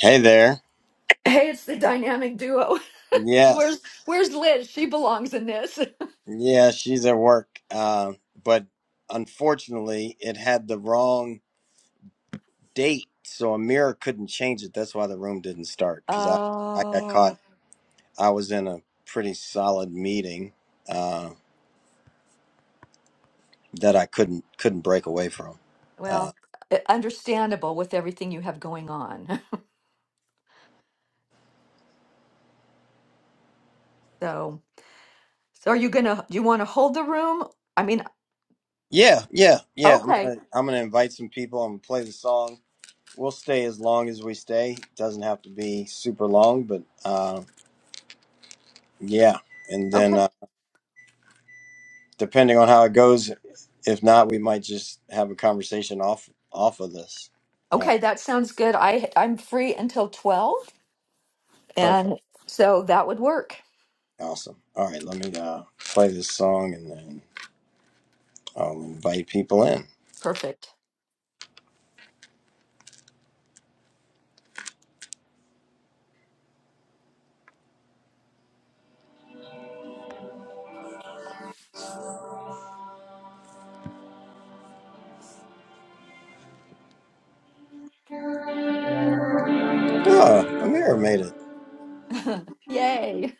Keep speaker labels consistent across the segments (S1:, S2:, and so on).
S1: Hey there.
S2: Hey, it's the dynamic duo.
S1: Yes,
S2: Where's where's Liz? She belongs in this.
S1: yeah, she's at work. Um, but unfortunately, it had the wrong date, so Amira couldn't change it. That's why the room didn't start because I, I got
S2: Oh,
S1: caught. I was in a pretty solid meeting uh, that I couldn't couldn't break away from. Uh,
S2: well, uh, understandable with everything you have going on. So, so are you gonna, do you want to hold the room? I mean,
S1: yeah, yeah, yeah. I'm
S2: okay,
S1: gonna I'm gonna invite some people. I'm gonna play the song. We'll stay as long as we stay. Doesn't have to be super long, but uh, yeah. And then
S2: okay,
S1: uh, depending on how it goes, if not, we might just have a conversation off off of this. Uh,
S2: okay, that sounds good. I I'm free until 12,
S1: perfect,
S2: and so that would work.
S1: awesome. All right, let me uh, play this song and then I'll invite people in.
S2: Perfect.
S1: Oh, Amir made it.
S2: Yay.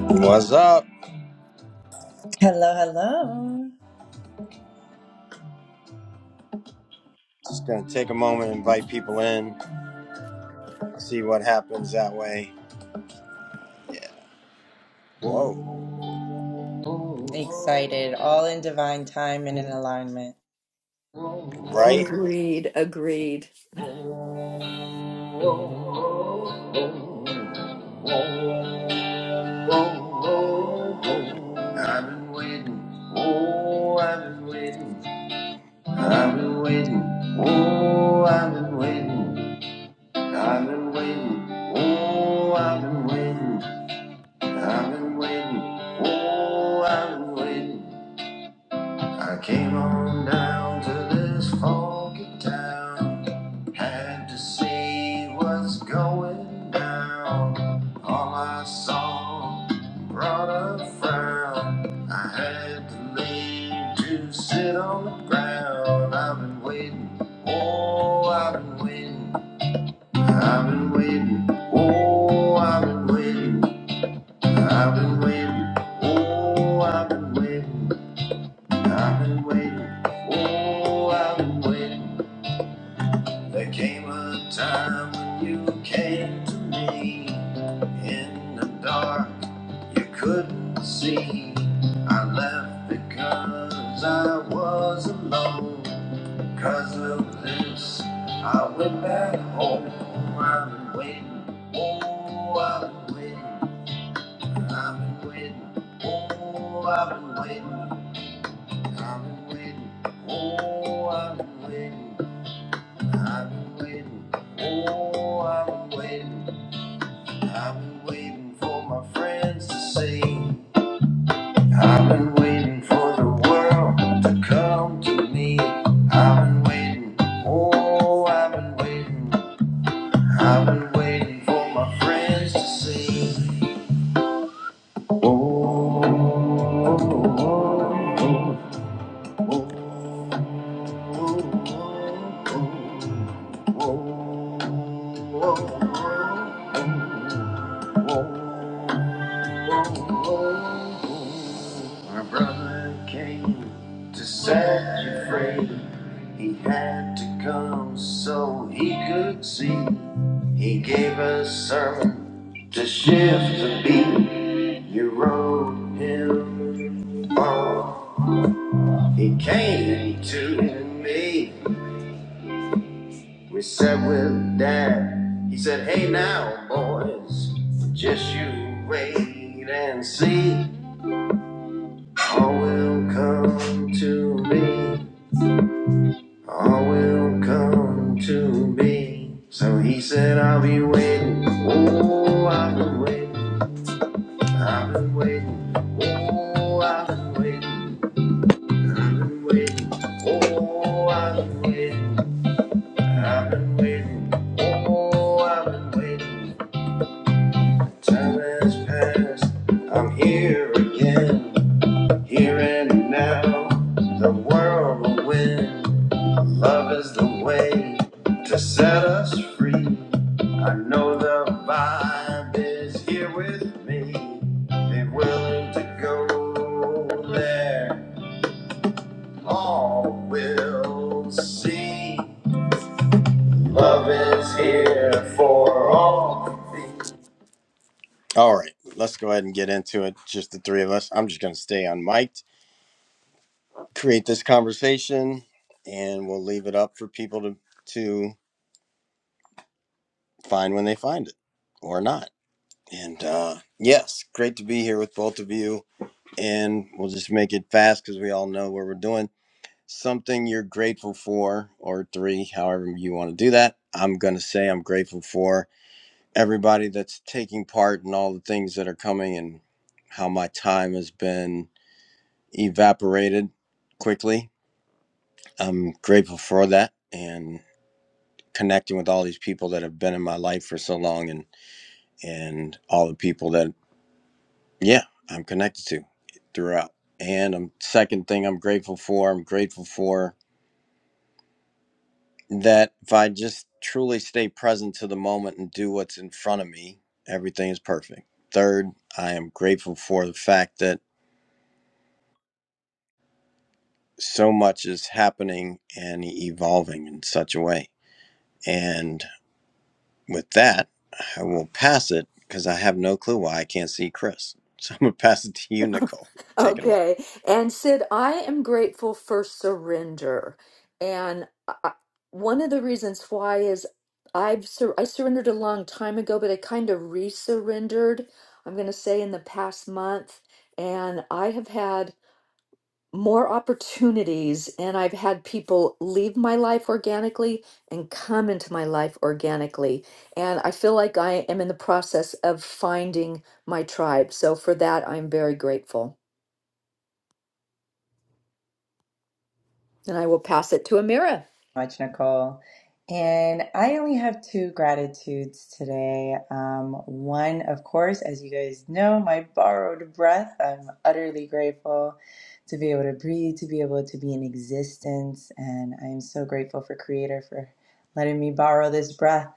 S1: What's up?
S3: Hello, hello.
S1: Just gonna take a moment, invite people in, see what happens that way. Whoa,
S3: Excited, all in divine time and in alignment.
S1: right?
S2: Agreed, agreed.
S1: Oh, oh, oh, I've been waiting. Oh, I've been waiting. I've been waiting. Oh, I've been waiting. I've been waiting. Oh, I've been waiting. I've been waiting. Oh, I've been waiting. I came on down to this foggy town. Had to see what's going down. All I saw brought a frown. I had to leave to sit on the ground. I've been waiting, oh, I've been waiting. I've been waiting, oh, I've been waiting. I've been waiting, oh, I've been waiting. I've been waiting, oh, I've been waiting. There came a time when you came to me in the dark, you couldn't see. I left because I was alone. Cause of this, I went back home. I've been waiting, oh, I've been waiting. I've been waiting, oh, I've been waiting. I'm waiting. Oh, I'm waiting. I'm waiting. Oh, I'm waiting. I've been waiting for my friends to see. I've been waiting for the world to come to me. I've been waiting. Oh, I've been waiting. I've been waiting for my friends to see. Oh, oh, oh, oh, oh. oh. oh. My brother came to set you free. He had to come so he could see. He gave a sermon to shift the beat. You wrote him wrong. He came to me. We sat with Dad. He said, Hey now, boys, just you wait and see. All will come to me. All will come to me. So he said, I'll be waiting. Oh, I've been waiting. I've been waiting. Oh, I've been waiting. I've been waiting. Oh, I've been waiting. I've been waiting. Oh, I've been waiting. Time has passed, I'm here again, here and now. The world will win, love is the way to set us free. I know the vibe is here with me. Be willing to go there, all will see. Love is here for all. things. All right, let's go ahead and get into it. Just the three of us. I'm just going to stay on mic, create this conversation, and we'll leave it up for people to to find when they find it or not. And uh, yes, great to be here with both of you. And we'll just make it fast because we all know what we're doing. Something you're grateful for, or three, however you want to do that. I'm going to say I'm grateful for everybody that's taking part in all the things that are coming and how my time has been evaporated quickly. I'm grateful for that and connecting with all these people that have been in my life for so long and and all the people that yeah, I'm connected to throughout. And um second thing I'm grateful for, I'm grateful for that if I just truly stay present to the moment and do what's in front of me, everything is perfect. Third, I am grateful for the fact that so much is happening and evolving in such a way. And With that, I will pass it because I have no clue why I can't see Chris. So I'm going to pass it to you, Nicole. Take it away.
S2: Okay. And Sid, I am grateful for surrender. And I, I- one of the reasons why is I've sur I surrendered a long time ago, but I kind of re surrendered. I'm going to say in the past month, and I have had more opportunities and I've had people leave my life organically and come into my life organically. And I feel like I am in the process of finding my tribe. So for that, I'm very grateful. Then I will pass it to Amira.
S3: much, Nicole. And I only have two gratitudes today. Um, one, of course, as you guys know, my borrowed breath. I'm utterly grateful to be able to breathe, to be able to be in existence. And I'm so grateful for Creator for letting me borrow this breath.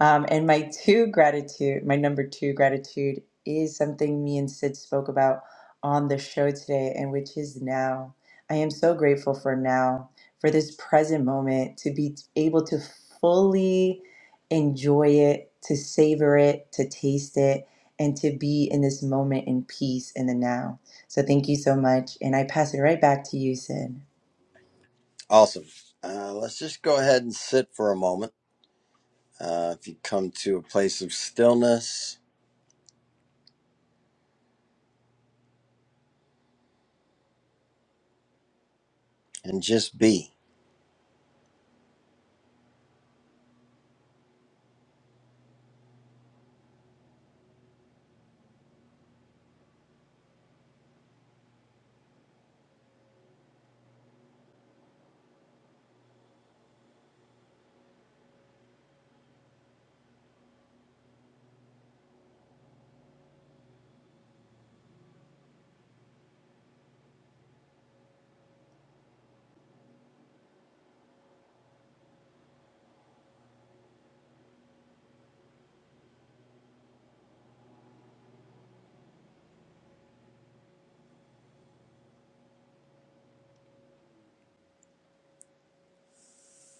S3: Um, and my two gratitude, my number two gratitude is something me and Sid spoke about on the show today, and which is now. I am so grateful for now for this present moment, to be able to fully enjoy it, to savor it, to taste it, and to be in this moment in peace in the now. So thank you so much. And I pass it right back to you, Sid.
S1: Awesome. Uh, let's just go ahead and sit for a moment. Uh, if you come to a place of stillness and just be,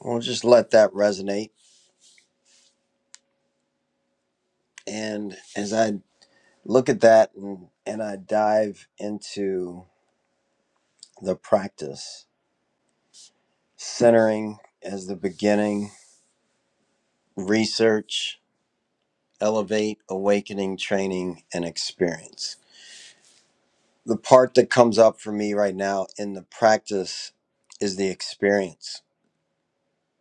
S1: we'll just let that resonate. And as I look at that and, and I dive into the practice, centering as the beginning, research, elevate, awakening, training, and experience the part that comes up for me right now in the practice is the experience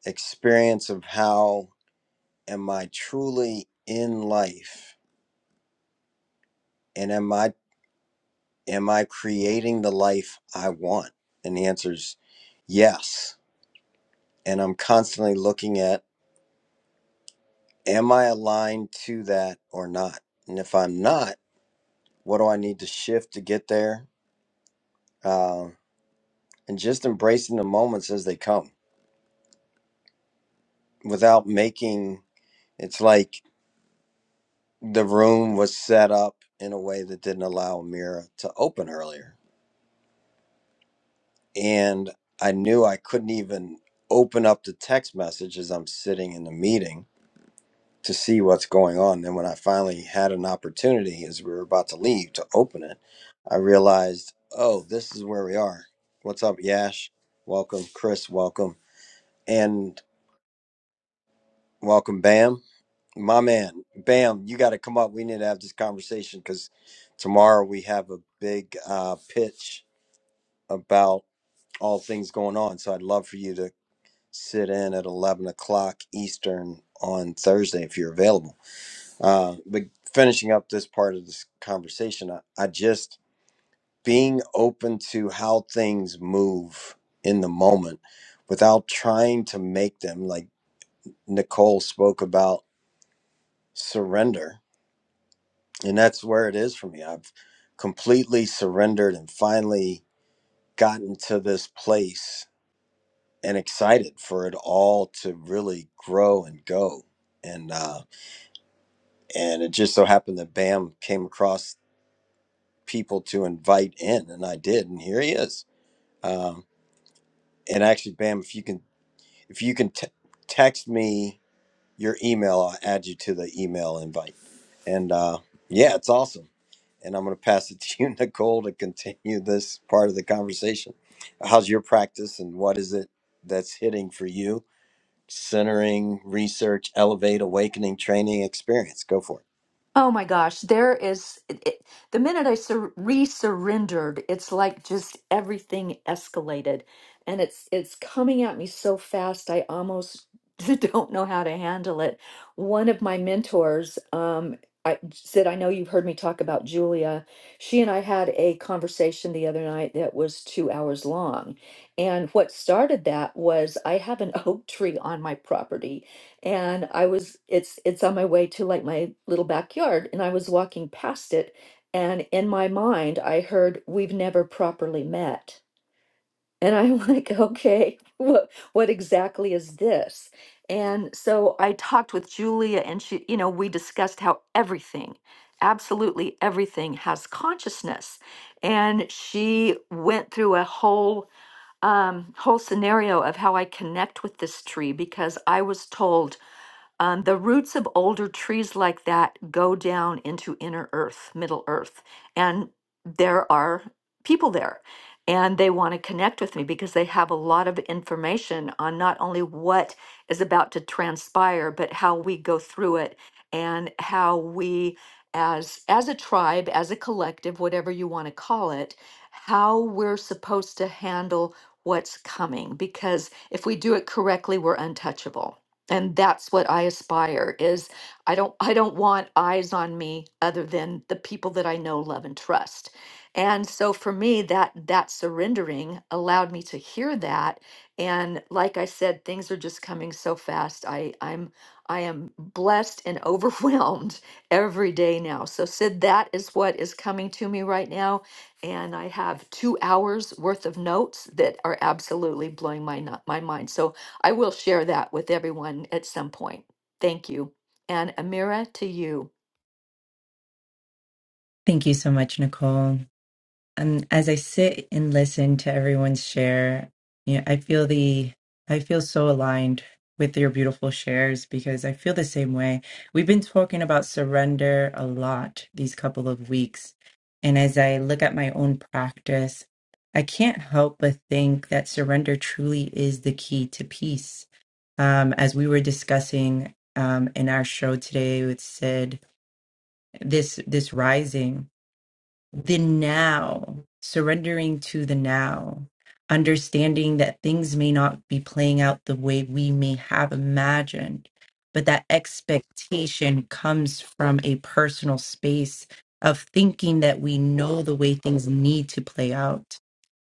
S1: experience of how am i truly in life and am i am i creating the life i want and the answer is yes and i'm constantly looking at am i aligned to that or not and if i'm not what do i need to shift to get there uh, and just embracing the moments as they come without making it's like the room was set up in a way that didn't allow Mira to open earlier. And I knew I couldn't even open up the text message as I'm sitting in the meeting to see what's going on. Then, when I finally had an opportunity as we were about to leave to open it, I realized, oh, this is where we are. What's up, Yash? Welcome, Chris, welcome. And welcome, Bam. My man, Bam, you got to come up. We need to have this conversation because tomorrow we have a big uh, pitch about all things going on. So I'd love for you to sit in at 11 o'clock Eastern on Thursday if you're available. Uh, but finishing up this part of this conversation, I, I just being open to how things move in the moment without trying to make them, like Nicole spoke about surrender and that's where it is for me i've completely surrendered and finally gotten to this place and excited for it all to really grow and go and uh and it just so happened that bam came across people to invite in and i did and here he is um and actually bam if you can if you can t- text me your email. I'll add you to the email invite. And uh, yeah, it's awesome. And I'm going to pass it to you, Nicole, to continue this part of the conversation. How's your practice and what is it that's hitting for you? Centering, research, elevate, awakening, training, experience. Go for it.
S2: Oh my gosh, there is it, it- the minute I sur- re-surrendered, it's like just everything escalated and it's it's coming at me so fast I almost don't know how to handle it. One of my mentors um I said I know you've heard me talk about Julia. She and I had a conversation the other night that was 2 hours long. And what started that was I have an oak tree on my property and I was it's it's on my way to like my little backyard and I was walking past it and in my mind I heard we've never properly met. And I'm like, okay, what what exactly is this? And so I talked with Julia and she, you know, we discussed how everything, absolutely everything has consciousness. And she went through a whole um whole scenario of how I connect with this tree because I was told um, the roots of older trees like that go down into inner earth, middle earth, and there are people there. And they want to connect with me because they have a lot of information on not only what is about to transpire, but how we go through it and how we, as as a tribe, as a collective, whatever you want to call it, how we're supposed to handle what's coming. Because if we do it correctly, we're untouchable and that's what i aspire is i don't i don't want eyes on me other than the people that i know love and trust and so for me that that surrendering allowed me to hear that and like i said things are just coming so fast i i'm i am blessed and overwhelmed every day now so sid that is what is coming to me right now and i have two hours worth of notes that are absolutely blowing my nu- my mind so I will share that with everyone at some point. Thank you. And Amira, to you.
S3: Thank you so much, Nicole. um, as I sit and listen to everyone's share, you know, I feel the I feel so aligned with your beautiful shares because I feel the same way. We've been talking about surrender a lot these couple of weeks, and as I look at my own practice, I can't help but think that surrender truly is the key to peace. Um, as we were discussing um, in our show today with Sid, this this rising the now, surrendering to the now, understanding that things may not be playing out the way we may have imagined, but that expectation comes from a personal space of thinking that we know the way things need to play out.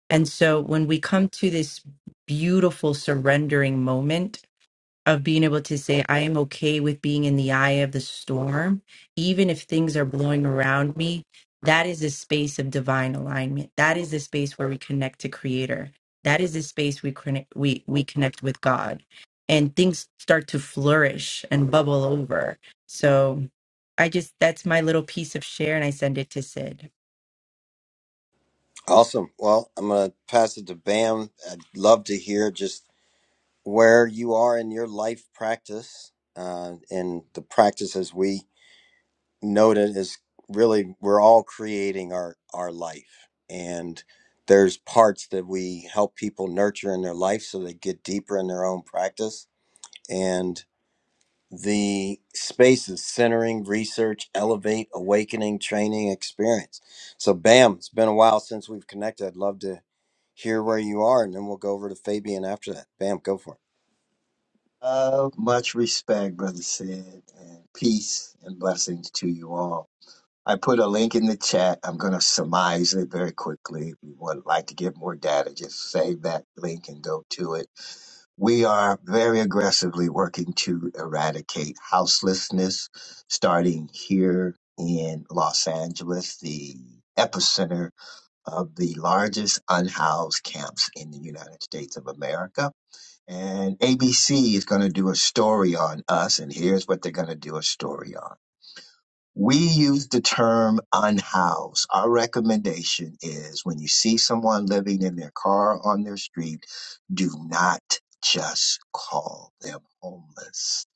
S3: And so when we come to this beautiful surrendering moment, of being able to say, I am okay with being in the eye of the storm, even if things are blowing around me. That is a space of divine alignment. That is the space where we connect to Creator. That is the space we connect, we, we connect with God. And things start to flourish and bubble over. So I just, that's my little piece of share, and I send it to Sid.
S1: Awesome. Well, I'm going to pass it to Bam. I'd love to hear just where you are in your life practice uh, and the practices we noted is really we're all creating our our life and there's parts that we help people nurture in their life so they get deeper in their own practice and the space is centering research elevate awakening training experience so bam it's been a while since we've connected i'd love to hear where you are and then we'll go over to fabian after that bam go for
S4: Uh, much respect, Brother Sid, and peace and blessings to you all. I put a link in the chat. I'm going to surmise it very quickly. If you would like to get more data, just save that link and go to it. We are very aggressively working to eradicate houselessness, starting here in Los Angeles, the epicenter of the largest unhoused camps in the United States of America and ABC is going to do a story on us, and here's what they're going to do a story on. We use the term unhoused. Our recommendation is when you see someone living in their car on their street, do not just call them homeless.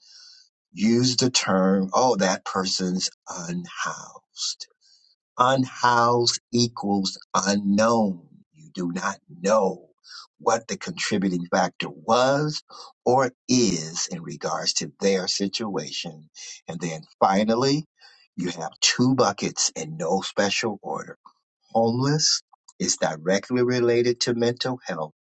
S4: Use the term, oh, that person's unhoused. Unhoused equals unknown. You do not know what the contributing factor was or is in regards to their situation. And then finally, you have two buckets in no special order. Homeless is directly related to mental health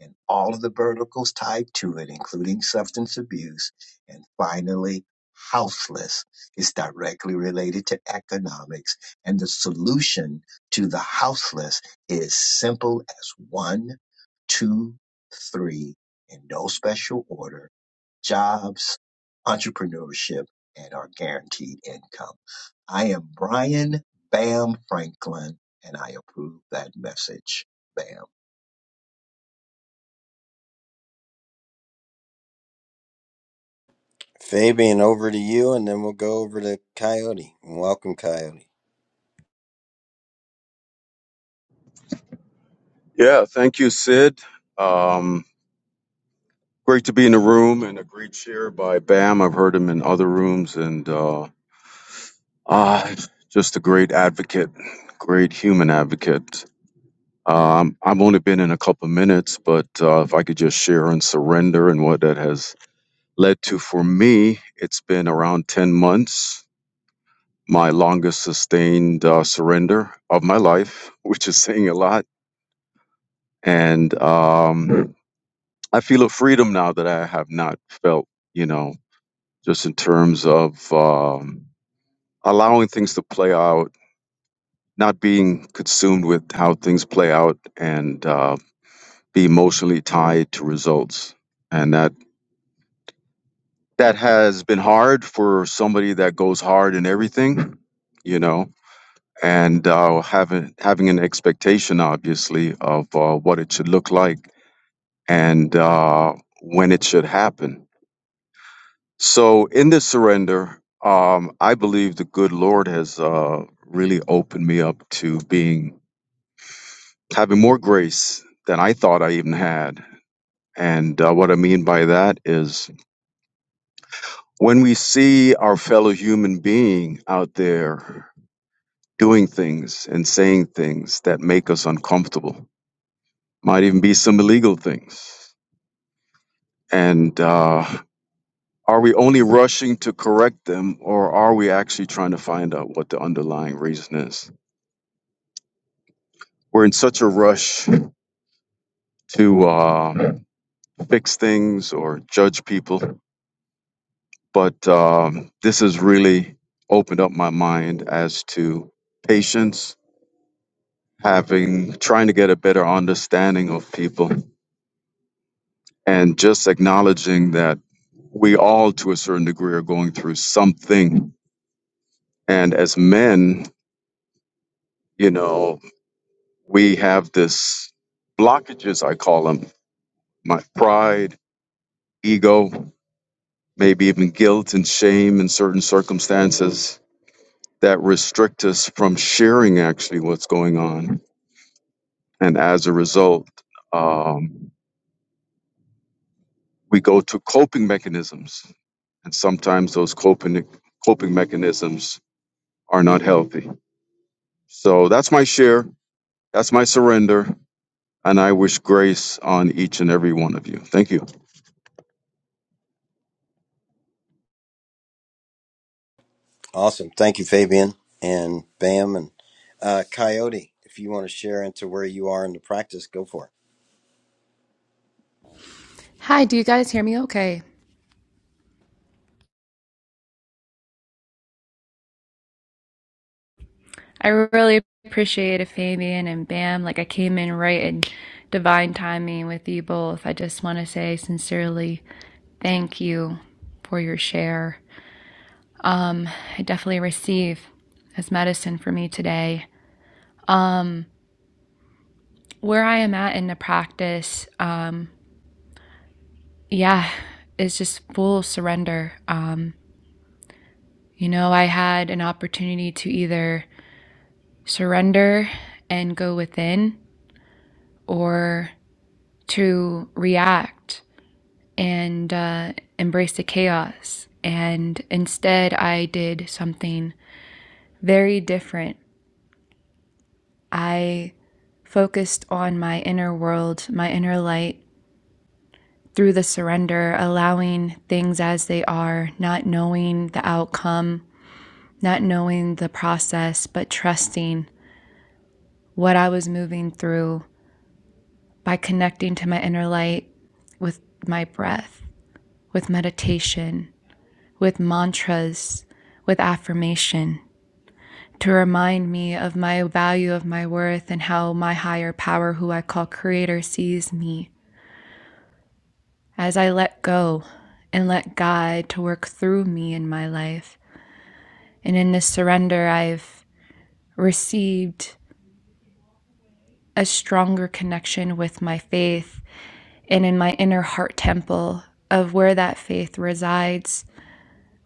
S4: and all of the verticals tied to it, including substance abuse. And finally, houseless is directly related to economics. And the solution to the houseless is simple as one, two, three, in no special order, jobs, entrepreneurship, and our guaranteed income. I am Brian Bam Franklin, and I approve that message. Bam.
S1: it fabian over to you and then we'll go over to coyote welcome coyote
S5: Yeah, thank you, Sid. Um, great to be in the room and a great share by Bam. I've heard him in other rooms and uh, ah, just a great advocate, great human advocate. Um, I've only been in a couple of minutes, but uh, if I could just share on surrender and what that has led to for me, it's been around 10 months, my longest sustained uh, surrender of my life, which is saying a lot. And um, I feel a freedom now that I have not felt, you know, just in terms of um, allowing things to play out, not being consumed with how things play out, and uh, be emotionally tied to results. And that that has been hard for somebody that goes hard in everything, you know, and uh, having having an expectation, obviously, of uh, what it should look like and uh, when it should happen So in this surrender, um, I believe the good Lord has uh, really opened me up to being having more grace than I thought I even had. And uh, what I mean by that is when we see our fellow human being out there doing things and saying things that make us uncomfortable, might even be some illegal things. And uh, are we only rushing to correct them, or are we actually trying to find out what the underlying reason is? we're in such a rush to uh, fix things or judge people. But um, this has really opened up my mind as to patience, having trying to get a better understanding of people, and just acknowledging that we all, to a certain degree, are going through something. And as men, you know, we have this blockages. I call them my pride, ego. maybe even guilt and shame in certain circumstances that restrict us from sharing actually what's going on. And as a result, um, we go to coping mechanisms. And sometimes those coping, coping mechanisms are not healthy. So that's my share. That's my surrender. And I wish grace on each and every one of you. Thank you.
S1: Awesome. Thank you, Fabian and Bam and uh, Coyote. If you want to share into where you are in the practice, go for it.
S6: Hi, do you guys hear me okay? I really appreciate it, Fabian and Bam. Like I came in right in divine timing with you both. I just want to say sincerely thank you for your share. I definitely receive as medicine for me today. Where I am at in the practice, um, yeah, is just full surrender. Um, you know, I had an opportunity to either surrender and go within or to react and uh, embrace the chaos. And instead, I did something very different. I focused on my inner world, my inner light, through the surrender, allowing things as they are, not knowing the outcome, not knowing the process, but trusting what I was moving through by connecting to my inner light with my breath, with meditation, with mantras, with affirmation. to remind me of my value, of my worth, and how my higher power, who I call Creator, sees me as I let go and let God to work through me in my life. And in this surrender, I've received a stronger connection with my faith and in my inner heart temple of where that faith resides,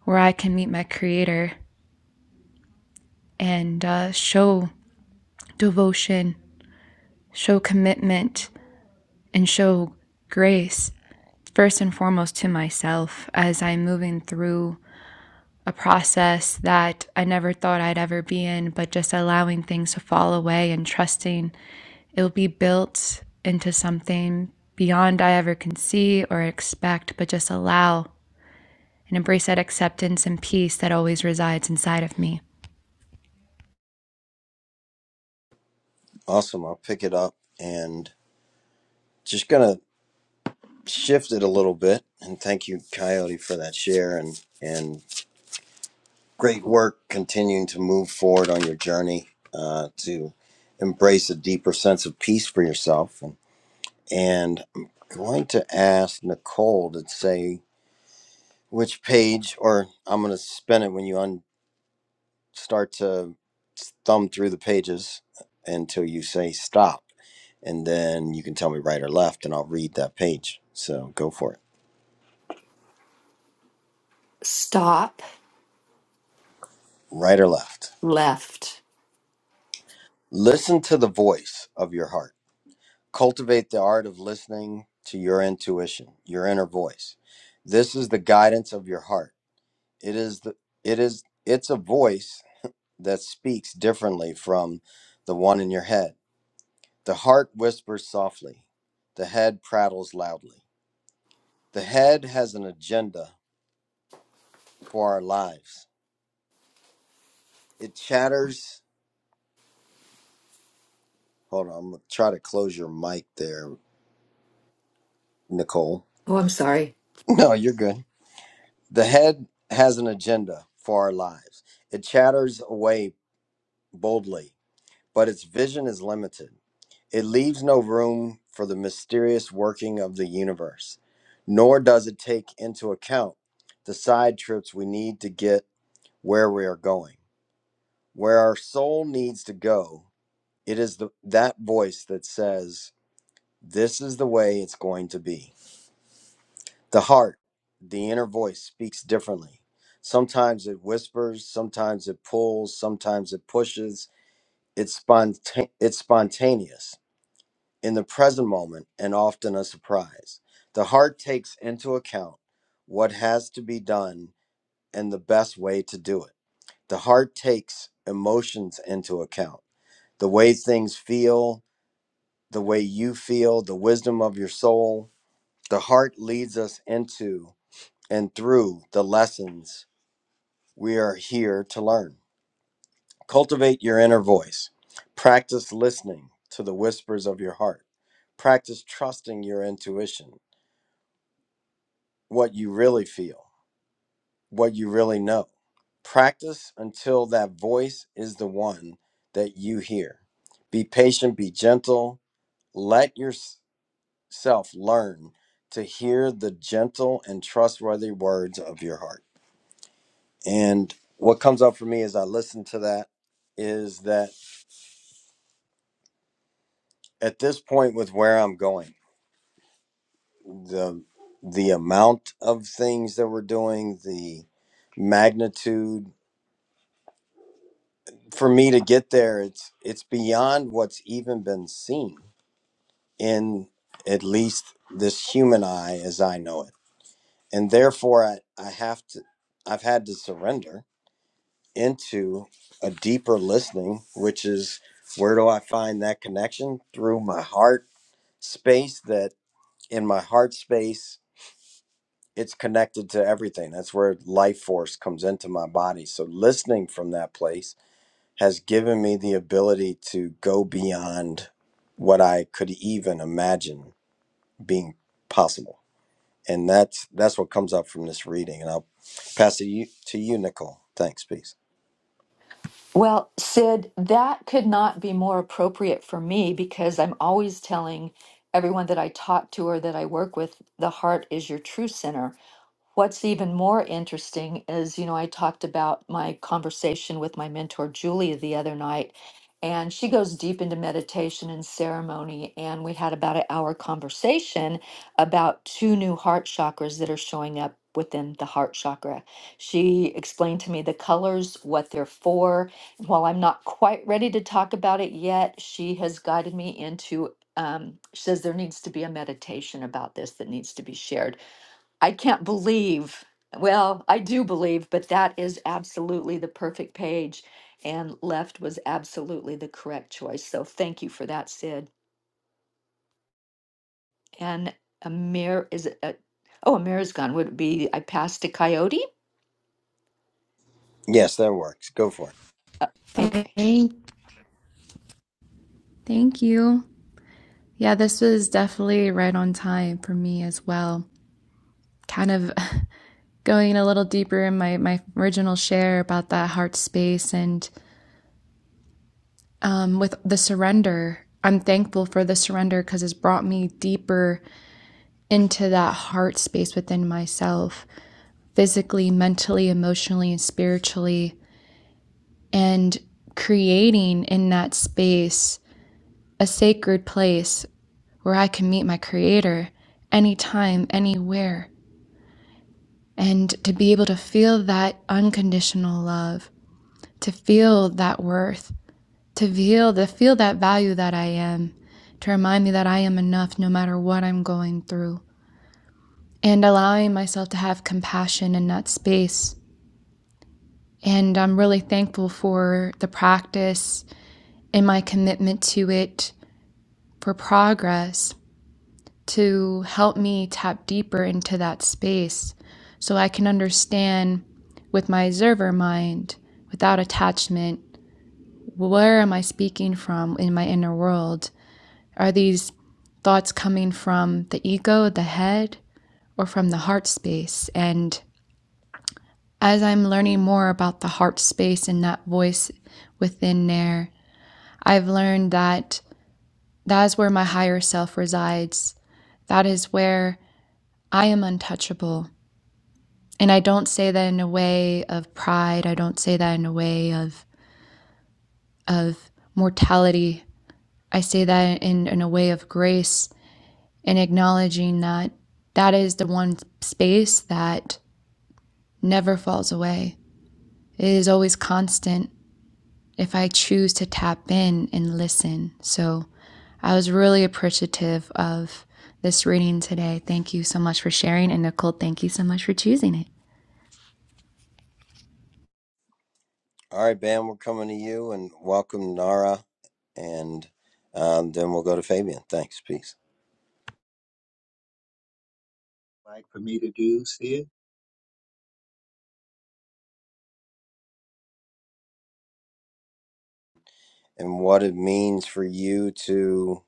S6: where I can meet my Creator and uh, show devotion, show commitment, and show grace first and foremost to myself as I'm moving through a process that I never thought I'd ever be in, but just allowing things to fall away and trusting it'll be built into something beyond I ever can see or expect, but just allow and embrace that acceptance and peace that always resides inside of me.
S1: Awesome. I'll pick it up and just gonna shift it a little bit. And thank you, Coyote, for that share and and great work continuing to move forward on your journey uh, to embrace a deeper sense of peace for yourself. And, and I'm going to ask Nicole to say which page, or I'm gonna spin it when you start to thumb through the pages until you say stop. And then you can tell me right or left, and I'll read that page. So go for it.
S2: Stop
S1: Right or left.
S2: left.
S1: Listen to the voice of your heart. Cultivate the art of listening to your intuition, your inner voice. This is the guidance of your heart. It is the it is it's a voice that speaks differently from the one in your head. The heart whispers softly. The head prattles loudly. The head has an agenda for our lives. It chatters. Hold on, I'm gonna try to close your mic there, Nicole.
S2: Oh, I'm sorry.
S1: No, you're good. The head has an agenda for our lives. It chatters away boldly, but its vision is limited. It leaves no room for the mysterious working of the universe, nor does it take into account the side trips we need to get where we are going, where our soul needs to go It is the, that voice that says, This is the way it's going to be. The heart, the inner voice, speaks differently. Sometimes it whispers, sometimes it pulls, sometimes it pushes. It's, sponta- it's spontaneous in the present moment and often a surprise. The heart takes into account what has to be done and the best way to do it. The heart takes emotions into account the way things feel, the way you feel, the wisdom of your soul. The heart leads us into and through the lessons we are here to learn. Cultivate your inner voice. Practice listening to the whispers of your heart. Practice trusting your intuition, what you really feel, what you really know. Practice until that voice is the one that you hear. Be patient, be gentle, let your self learn to hear the gentle and trustworthy words of your heart. And what comes up for me as I listen to that is that at this point with where I'm going, the the amount of things that we're doing, the magnitude for me to get there, it's it's beyond what's even been seen in at least this human eye as I know it. And therefore I, I have to I've had to surrender into a deeper listening, which is where do I find that connection? Through my heart space, that in my heart space, it's connected to everything. That's where life force comes into my body. So, listening from that place has given me the ability to go beyond what I could even imagine being possible. And that's that's what comes up from this reading. And I'll pass it you, to you, Nicole. Thanks, peace.
S2: Well, Sid, that could not be more appropriate for me because I'm always telling everyone that I talk to or that I work with, the heart is your true center. What's even more interesting is, you know, I talked about my conversation with my mentor, Julia, the other night, and she goes deep into meditation and ceremony. And we had about an hour conversation about two new heart chakras that are showing up within the heart chakra. She explained to me the colors, what they're for. While I'm not quite ready to talk about it yet, she has guided me into. Um, she says there needs to be a meditation about this that needs to be shared I can't believe, well, I do believe, but that is absolutely the perfect page. And left was absolutely the correct choice. So thank you for that, Sid. And Amir, is it, uh, oh, Amir's gone. Would it be I passed a coyote?
S1: Yes, that works. Go for it.
S2: Uh, okay.
S6: Thank, thank you. Yeah, this was definitely right on time for me as well. Kind of going a little deeper in my, my original share about that heart space and um, with the surrender, I'm thankful for the surrender because it's brought me deeper into that heart space within myself, physically, mentally, emotionally, and spiritually, and creating in that space a sacred place where I can meet my creator anytime, anywhere. And to be able to feel that unconditional love, to feel that worth, to feel to feel that value that I am, to remind me that I am enough no matter what I'm going through, and allowing myself to have compassion in that space. And I'm really thankful for the practice and my commitment to it for progress to help me tap deeper into that space so I can understand with my observer mind without attachment where am I speaking from in my inner world Are these thoughts coming from the ego, the head, or from the heart space? And as I'm learning more about the heart space and that voice within there, I've learned that that is where my higher self resides. That is where I am untouchable. And I don't say that in a way of pride. I don't say that in a way of, of mortality. I say that in, in a way of grace and acknowledging that that is the one space that never falls away. It is always constant if I choose to tap in and listen. So I was really appreciative of this reading today. Thank you so much for sharing. And Nicole, thank you so much for choosing it.
S1: All right, Bam, we're coming to you and welcome Nara, and um, then we'll go to Fabian. Thanks, peace.
S4: Like for me to do, sis?
S1: And what it means for you to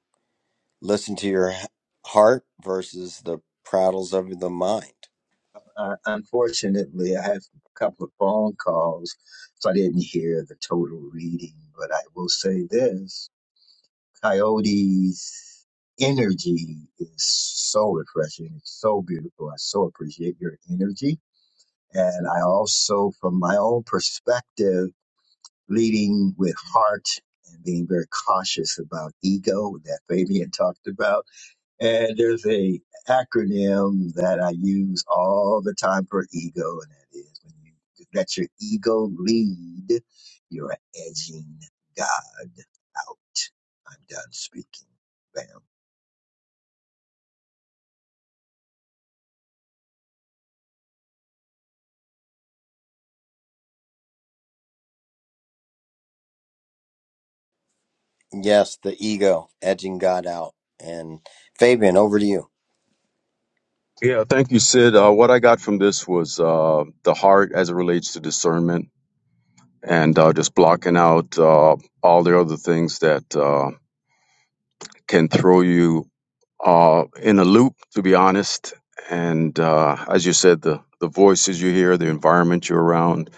S1: listen to your h- heart versus the prattles of the mind.
S4: Uh, unfortunately, I had a couple of phone calls, so I didn't hear the total reading. But I will say this Coyote's energy is so refreshing. It's so beautiful. I so appreciate your energy. And I also, from my own perspective, leading with heart and being very cautious about ego that Fabian talked about and there's a acronym that I use all the time for ego, and that is when you let your ego lead, you're edging God out. I'm done speaking. Bam.
S1: Yes, the ego edging God out. And Fabian, over to you.
S5: Yeah, thank you, Sid. Uh, what I got from this was uh, the heart as it relates to discernment and uh, just blocking out uh, all the other things that uh, can throw you uh, in a loop, to be honest. And uh, as you said, the, the voices you hear, the environment you're around.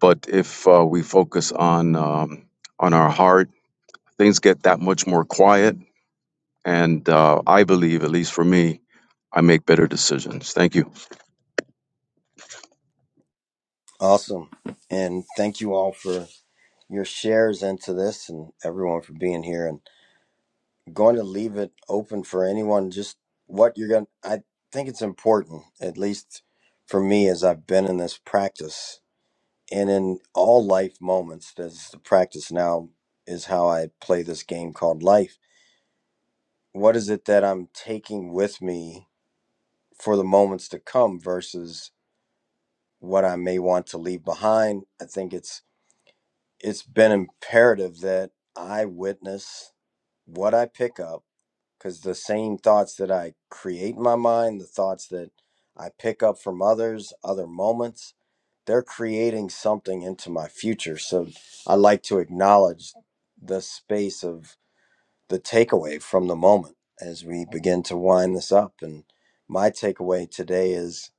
S5: But if uh, we focus on um, on our heart, things get that much more quiet. And uh, I believe, at least for me, I make better decisions. Thank you.
S1: Awesome. And thank you all for your shares into this and everyone for being here. and. going to leave it open for anyone just what you're going to i think it's important at least for me as i've been in this practice and in all life moments that's the practice now is how i play this game called life what is it that i'm taking with me for the moments to come versus what i may want to leave behind i think it's it's been imperative that i witness what i pick up because the same thoughts that I create in my mind, the thoughts that I pick up from others, other moments, they're creating something into my future. So I like to acknowledge the space of the takeaway from the moment as we begin to wind this up. And my takeaway today is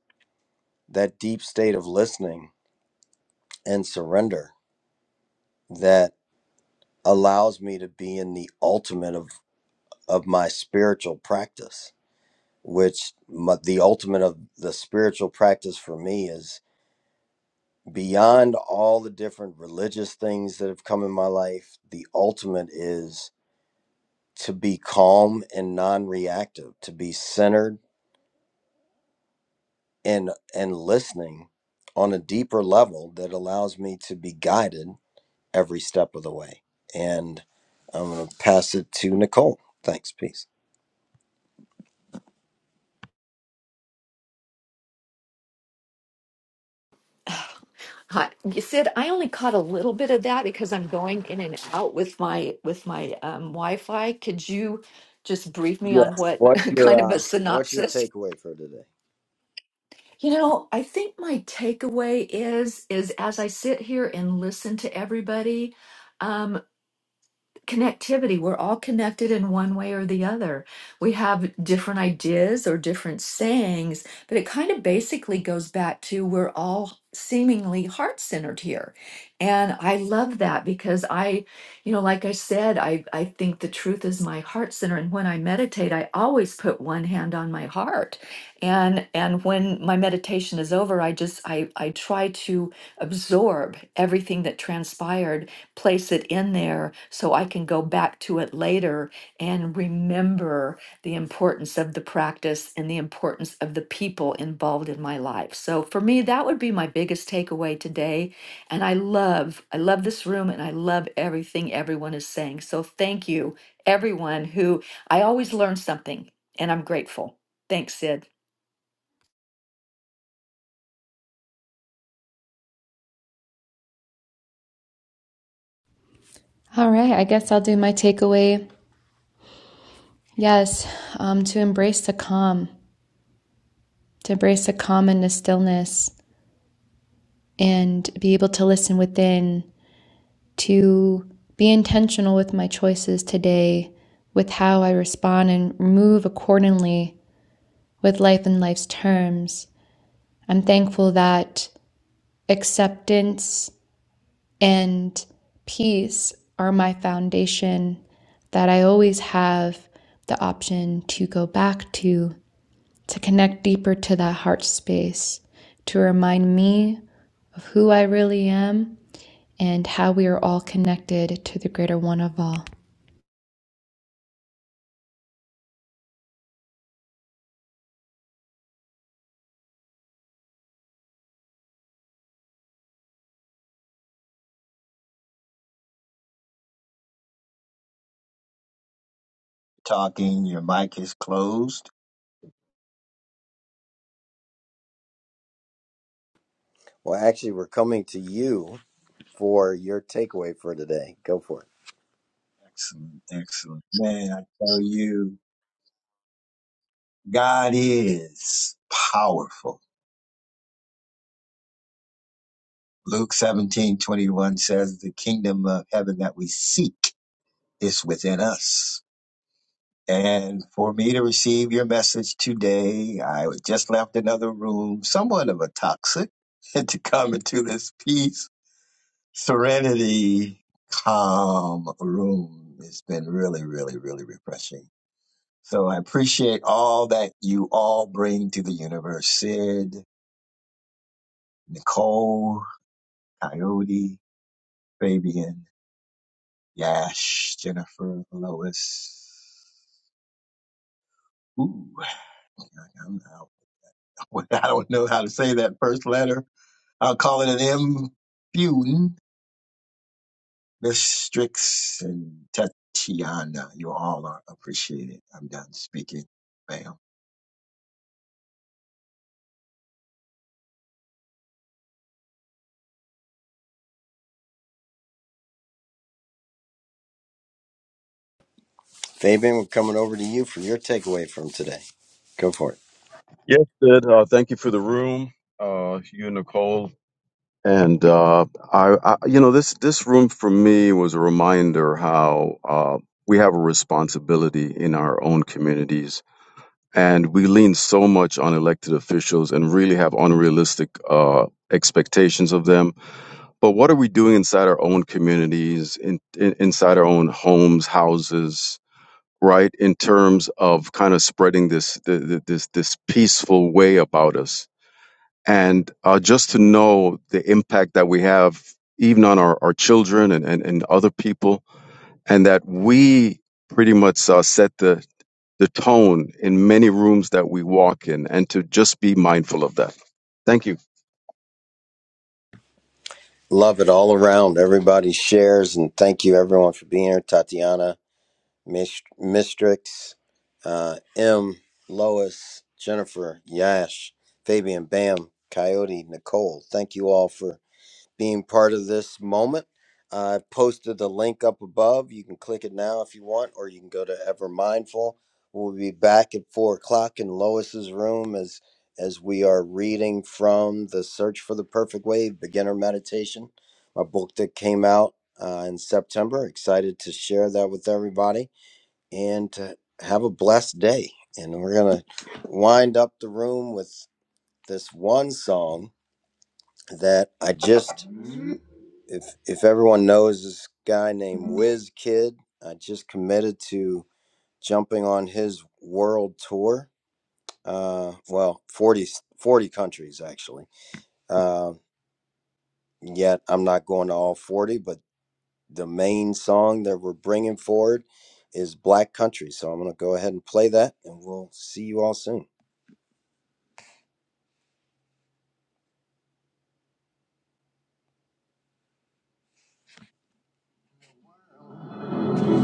S1: that deep state of listening and surrender that allows me to be in the ultimate of, of my spiritual practice which mu the ultimate of the spiritual practice for me is beyond all the different religious things that have come in my life the ultimate is to be calm and non-reactive to be centered and and listening on a deeper level that allows me to be guided every step of the way and i'm going to pass it to nicole thanks peace
S2: Hi, You- Sid. I only caught a little bit of that because I'm going in and out with my with my um, Wi-Fi. Could you just brief me on
S1: yes
S2: what
S1: what's your
S2: kind of a
S1: uh, what's your
S2: synopsis?
S1: takeaway for today
S2: You know, I think my takeaway is is as I sit here and listen to everybody, um, connectivity. We're all connected in one way or the other. We have different ideas or different sayings, but it kind of basically goes back to we're all seemingly heart centered here. And I love that because I, you know, like I said, I, I think the truth is my heart center. And when I meditate, I always put one hand on my heart. And and when my meditation is over, I just I I try to absorb everything that transpired place it in there so I can go back to it later and remember the importance of the practice and the importance of the people involved in my life. So for me, that would be my biggest takeaway today. And I love, I love this room and I love everything everyone is saying. So thank you, everyone who I always learn something and I'm grateful. Thanks, Sid.
S6: All right. I guess I'll do my takeaway. Yes, um, to embrace the calm, to embrace the calm and the stillness, and be able to listen within, to be intentional with my choices today, with how I respond and move accordingly with life and life's terms. I'm thankful that acceptance and peace are my foundation, that I always have the option to go back to, to connect deeper to that heart space, to remind me of who I really am and how we are all connected to the greater one of all.
S4: Talking, your mic is closed.
S1: well actually we're coming to you for your takeaway for today. Go for it.
S4: Excellent, excellent. Man, I tell you, God is powerful. Luke 17 21 says, the kingdom of heaven that we seek is within us And for me to receive your message today, I just left another room, somewhat of a toxic, to come into this peace, serenity, calm room it has been really, really, really refreshing. So I appreciate all that you all bring to the universe. Sid, Nicole, Coyote, Fabian, Yash, Jennifer, Lois. Ooh, I don't know how to say that first letter. I'll call it an M. Buden, Miss Strix and Tatiana. You all are appreciated. I'm done speaking. Bam.
S1: Fabian, we're coming over to you for your takeaway from today. Go for it.
S5: Yes, Sid. Uh, thank you for the room. Uh, you, and Nicole, And uh, I, I, you know, this this room for me was a reminder how uh, we have a responsibility in our own communities, and we lean so much on elected officials and really have unrealistic uh, expectations of them. But what are we doing inside our own communities, in, in, inside our own homes, houses? Right, in terms of kind of spreading this th- th- this this peaceful way about us, and uh, just to know the impact that we have even on our, our children and, and, and other people and that we pretty much uh, set the, the tone in many rooms that we walk in and to just be mindful of that thank you
S1: Love it all around. Everybody shares, and thank you everyone for being here. Tatiana, Mist- Mistrix, uh, M, Lois, Jennifer, Yash, Fabian, Bam, Coyote, Nicole. Thank you all for being part of this moment. I posted the link up above. You can click it now if you want, or you can go to Ever Mindful. We'll be back at four o'clock in Lois's room as as we are reading from the Search for the Perfect Way: Beginner Meditation, my book that came out uh, in September. Excited to share that with everybody and to have a blessed day. And we're gonna wind up the room with this one song that I just if if everyone knows this guy named Whiz Kid, I just committed to jumping on his world tour. Uh, well, 40 40 countries actually. Uh, yet I'm not going to all forty, but the main song that we're bringing forward is Black Country. So I'm gonna go ahead and play that, and we'll see you all soon.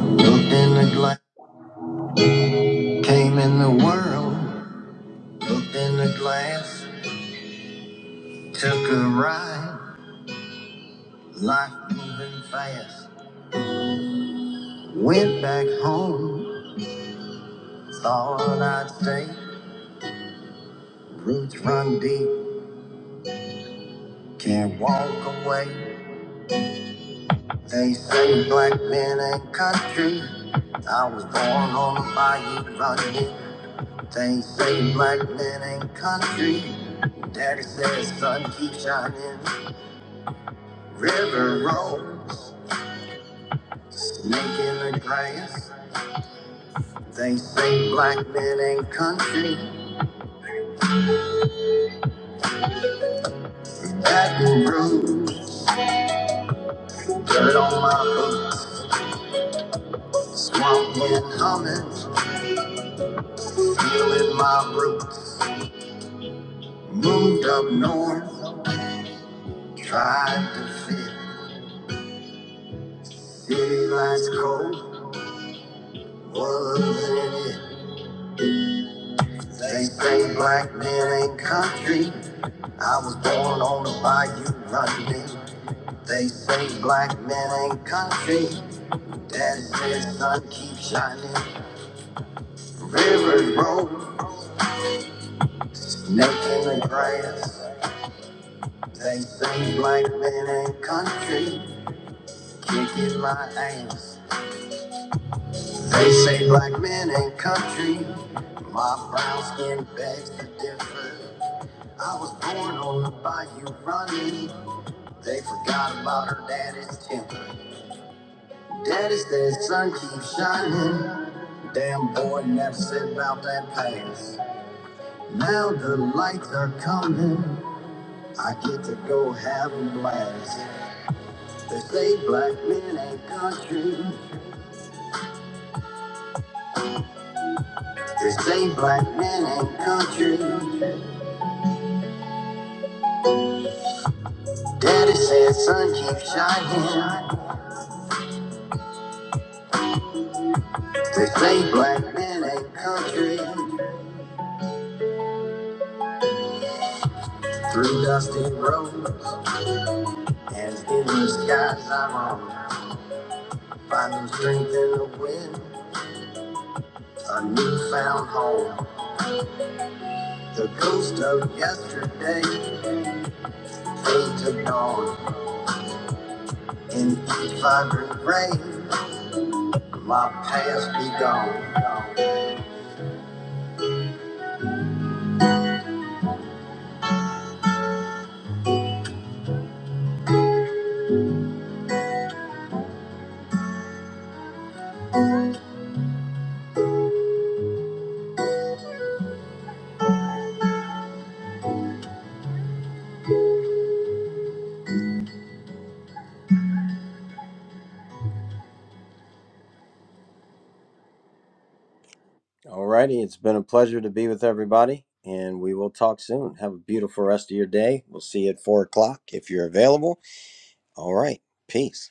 S1: Looked in the glass, came in the world. Looked in the glass, took a ride. Life moving fast. Went back home, thought I'd stay. Roots run deep, can't walk away. They say black men ain't country. I was born on the bayou running. They say black men ain't country. Daddy says sun keep shining. River rolls, snake in the grass. They say black men ain't country. Baton Rouge, dirt on my boots. Swamp land comments, feeling my roots. Moved up north, tried to fit. City lights cold, wasn't it? They say black men ain't country. I was born on the bayou running. They say black men ain't country. Daddy said, sun keep shining. Rivers roll, snake in the grass. They say black men ain't country. Kicking my ass. They say black men ain't country. My brown skin begs to differ. I was born on the bayou running. They forgot about her daddy's temper. Daddy said, sun keeps shining. Damn boy never said about that past. Now the lights are coming. I get to go have a blast. They say black men ain't country. They say black men ain't country. Daddy said, son, keep shining. They say black men ain't country. Through dusty roads and endless skies I am on. Finding strength in the wind, a newfound home. The ghost of yesterday fades to dawn. In each vibrant ray, my past be gone. Alrighty, It's been a pleasure to be with everybody, and we will talk soon. Have a beautiful rest of your day. We'll see you at four o'clock if you're available. All right. Peace.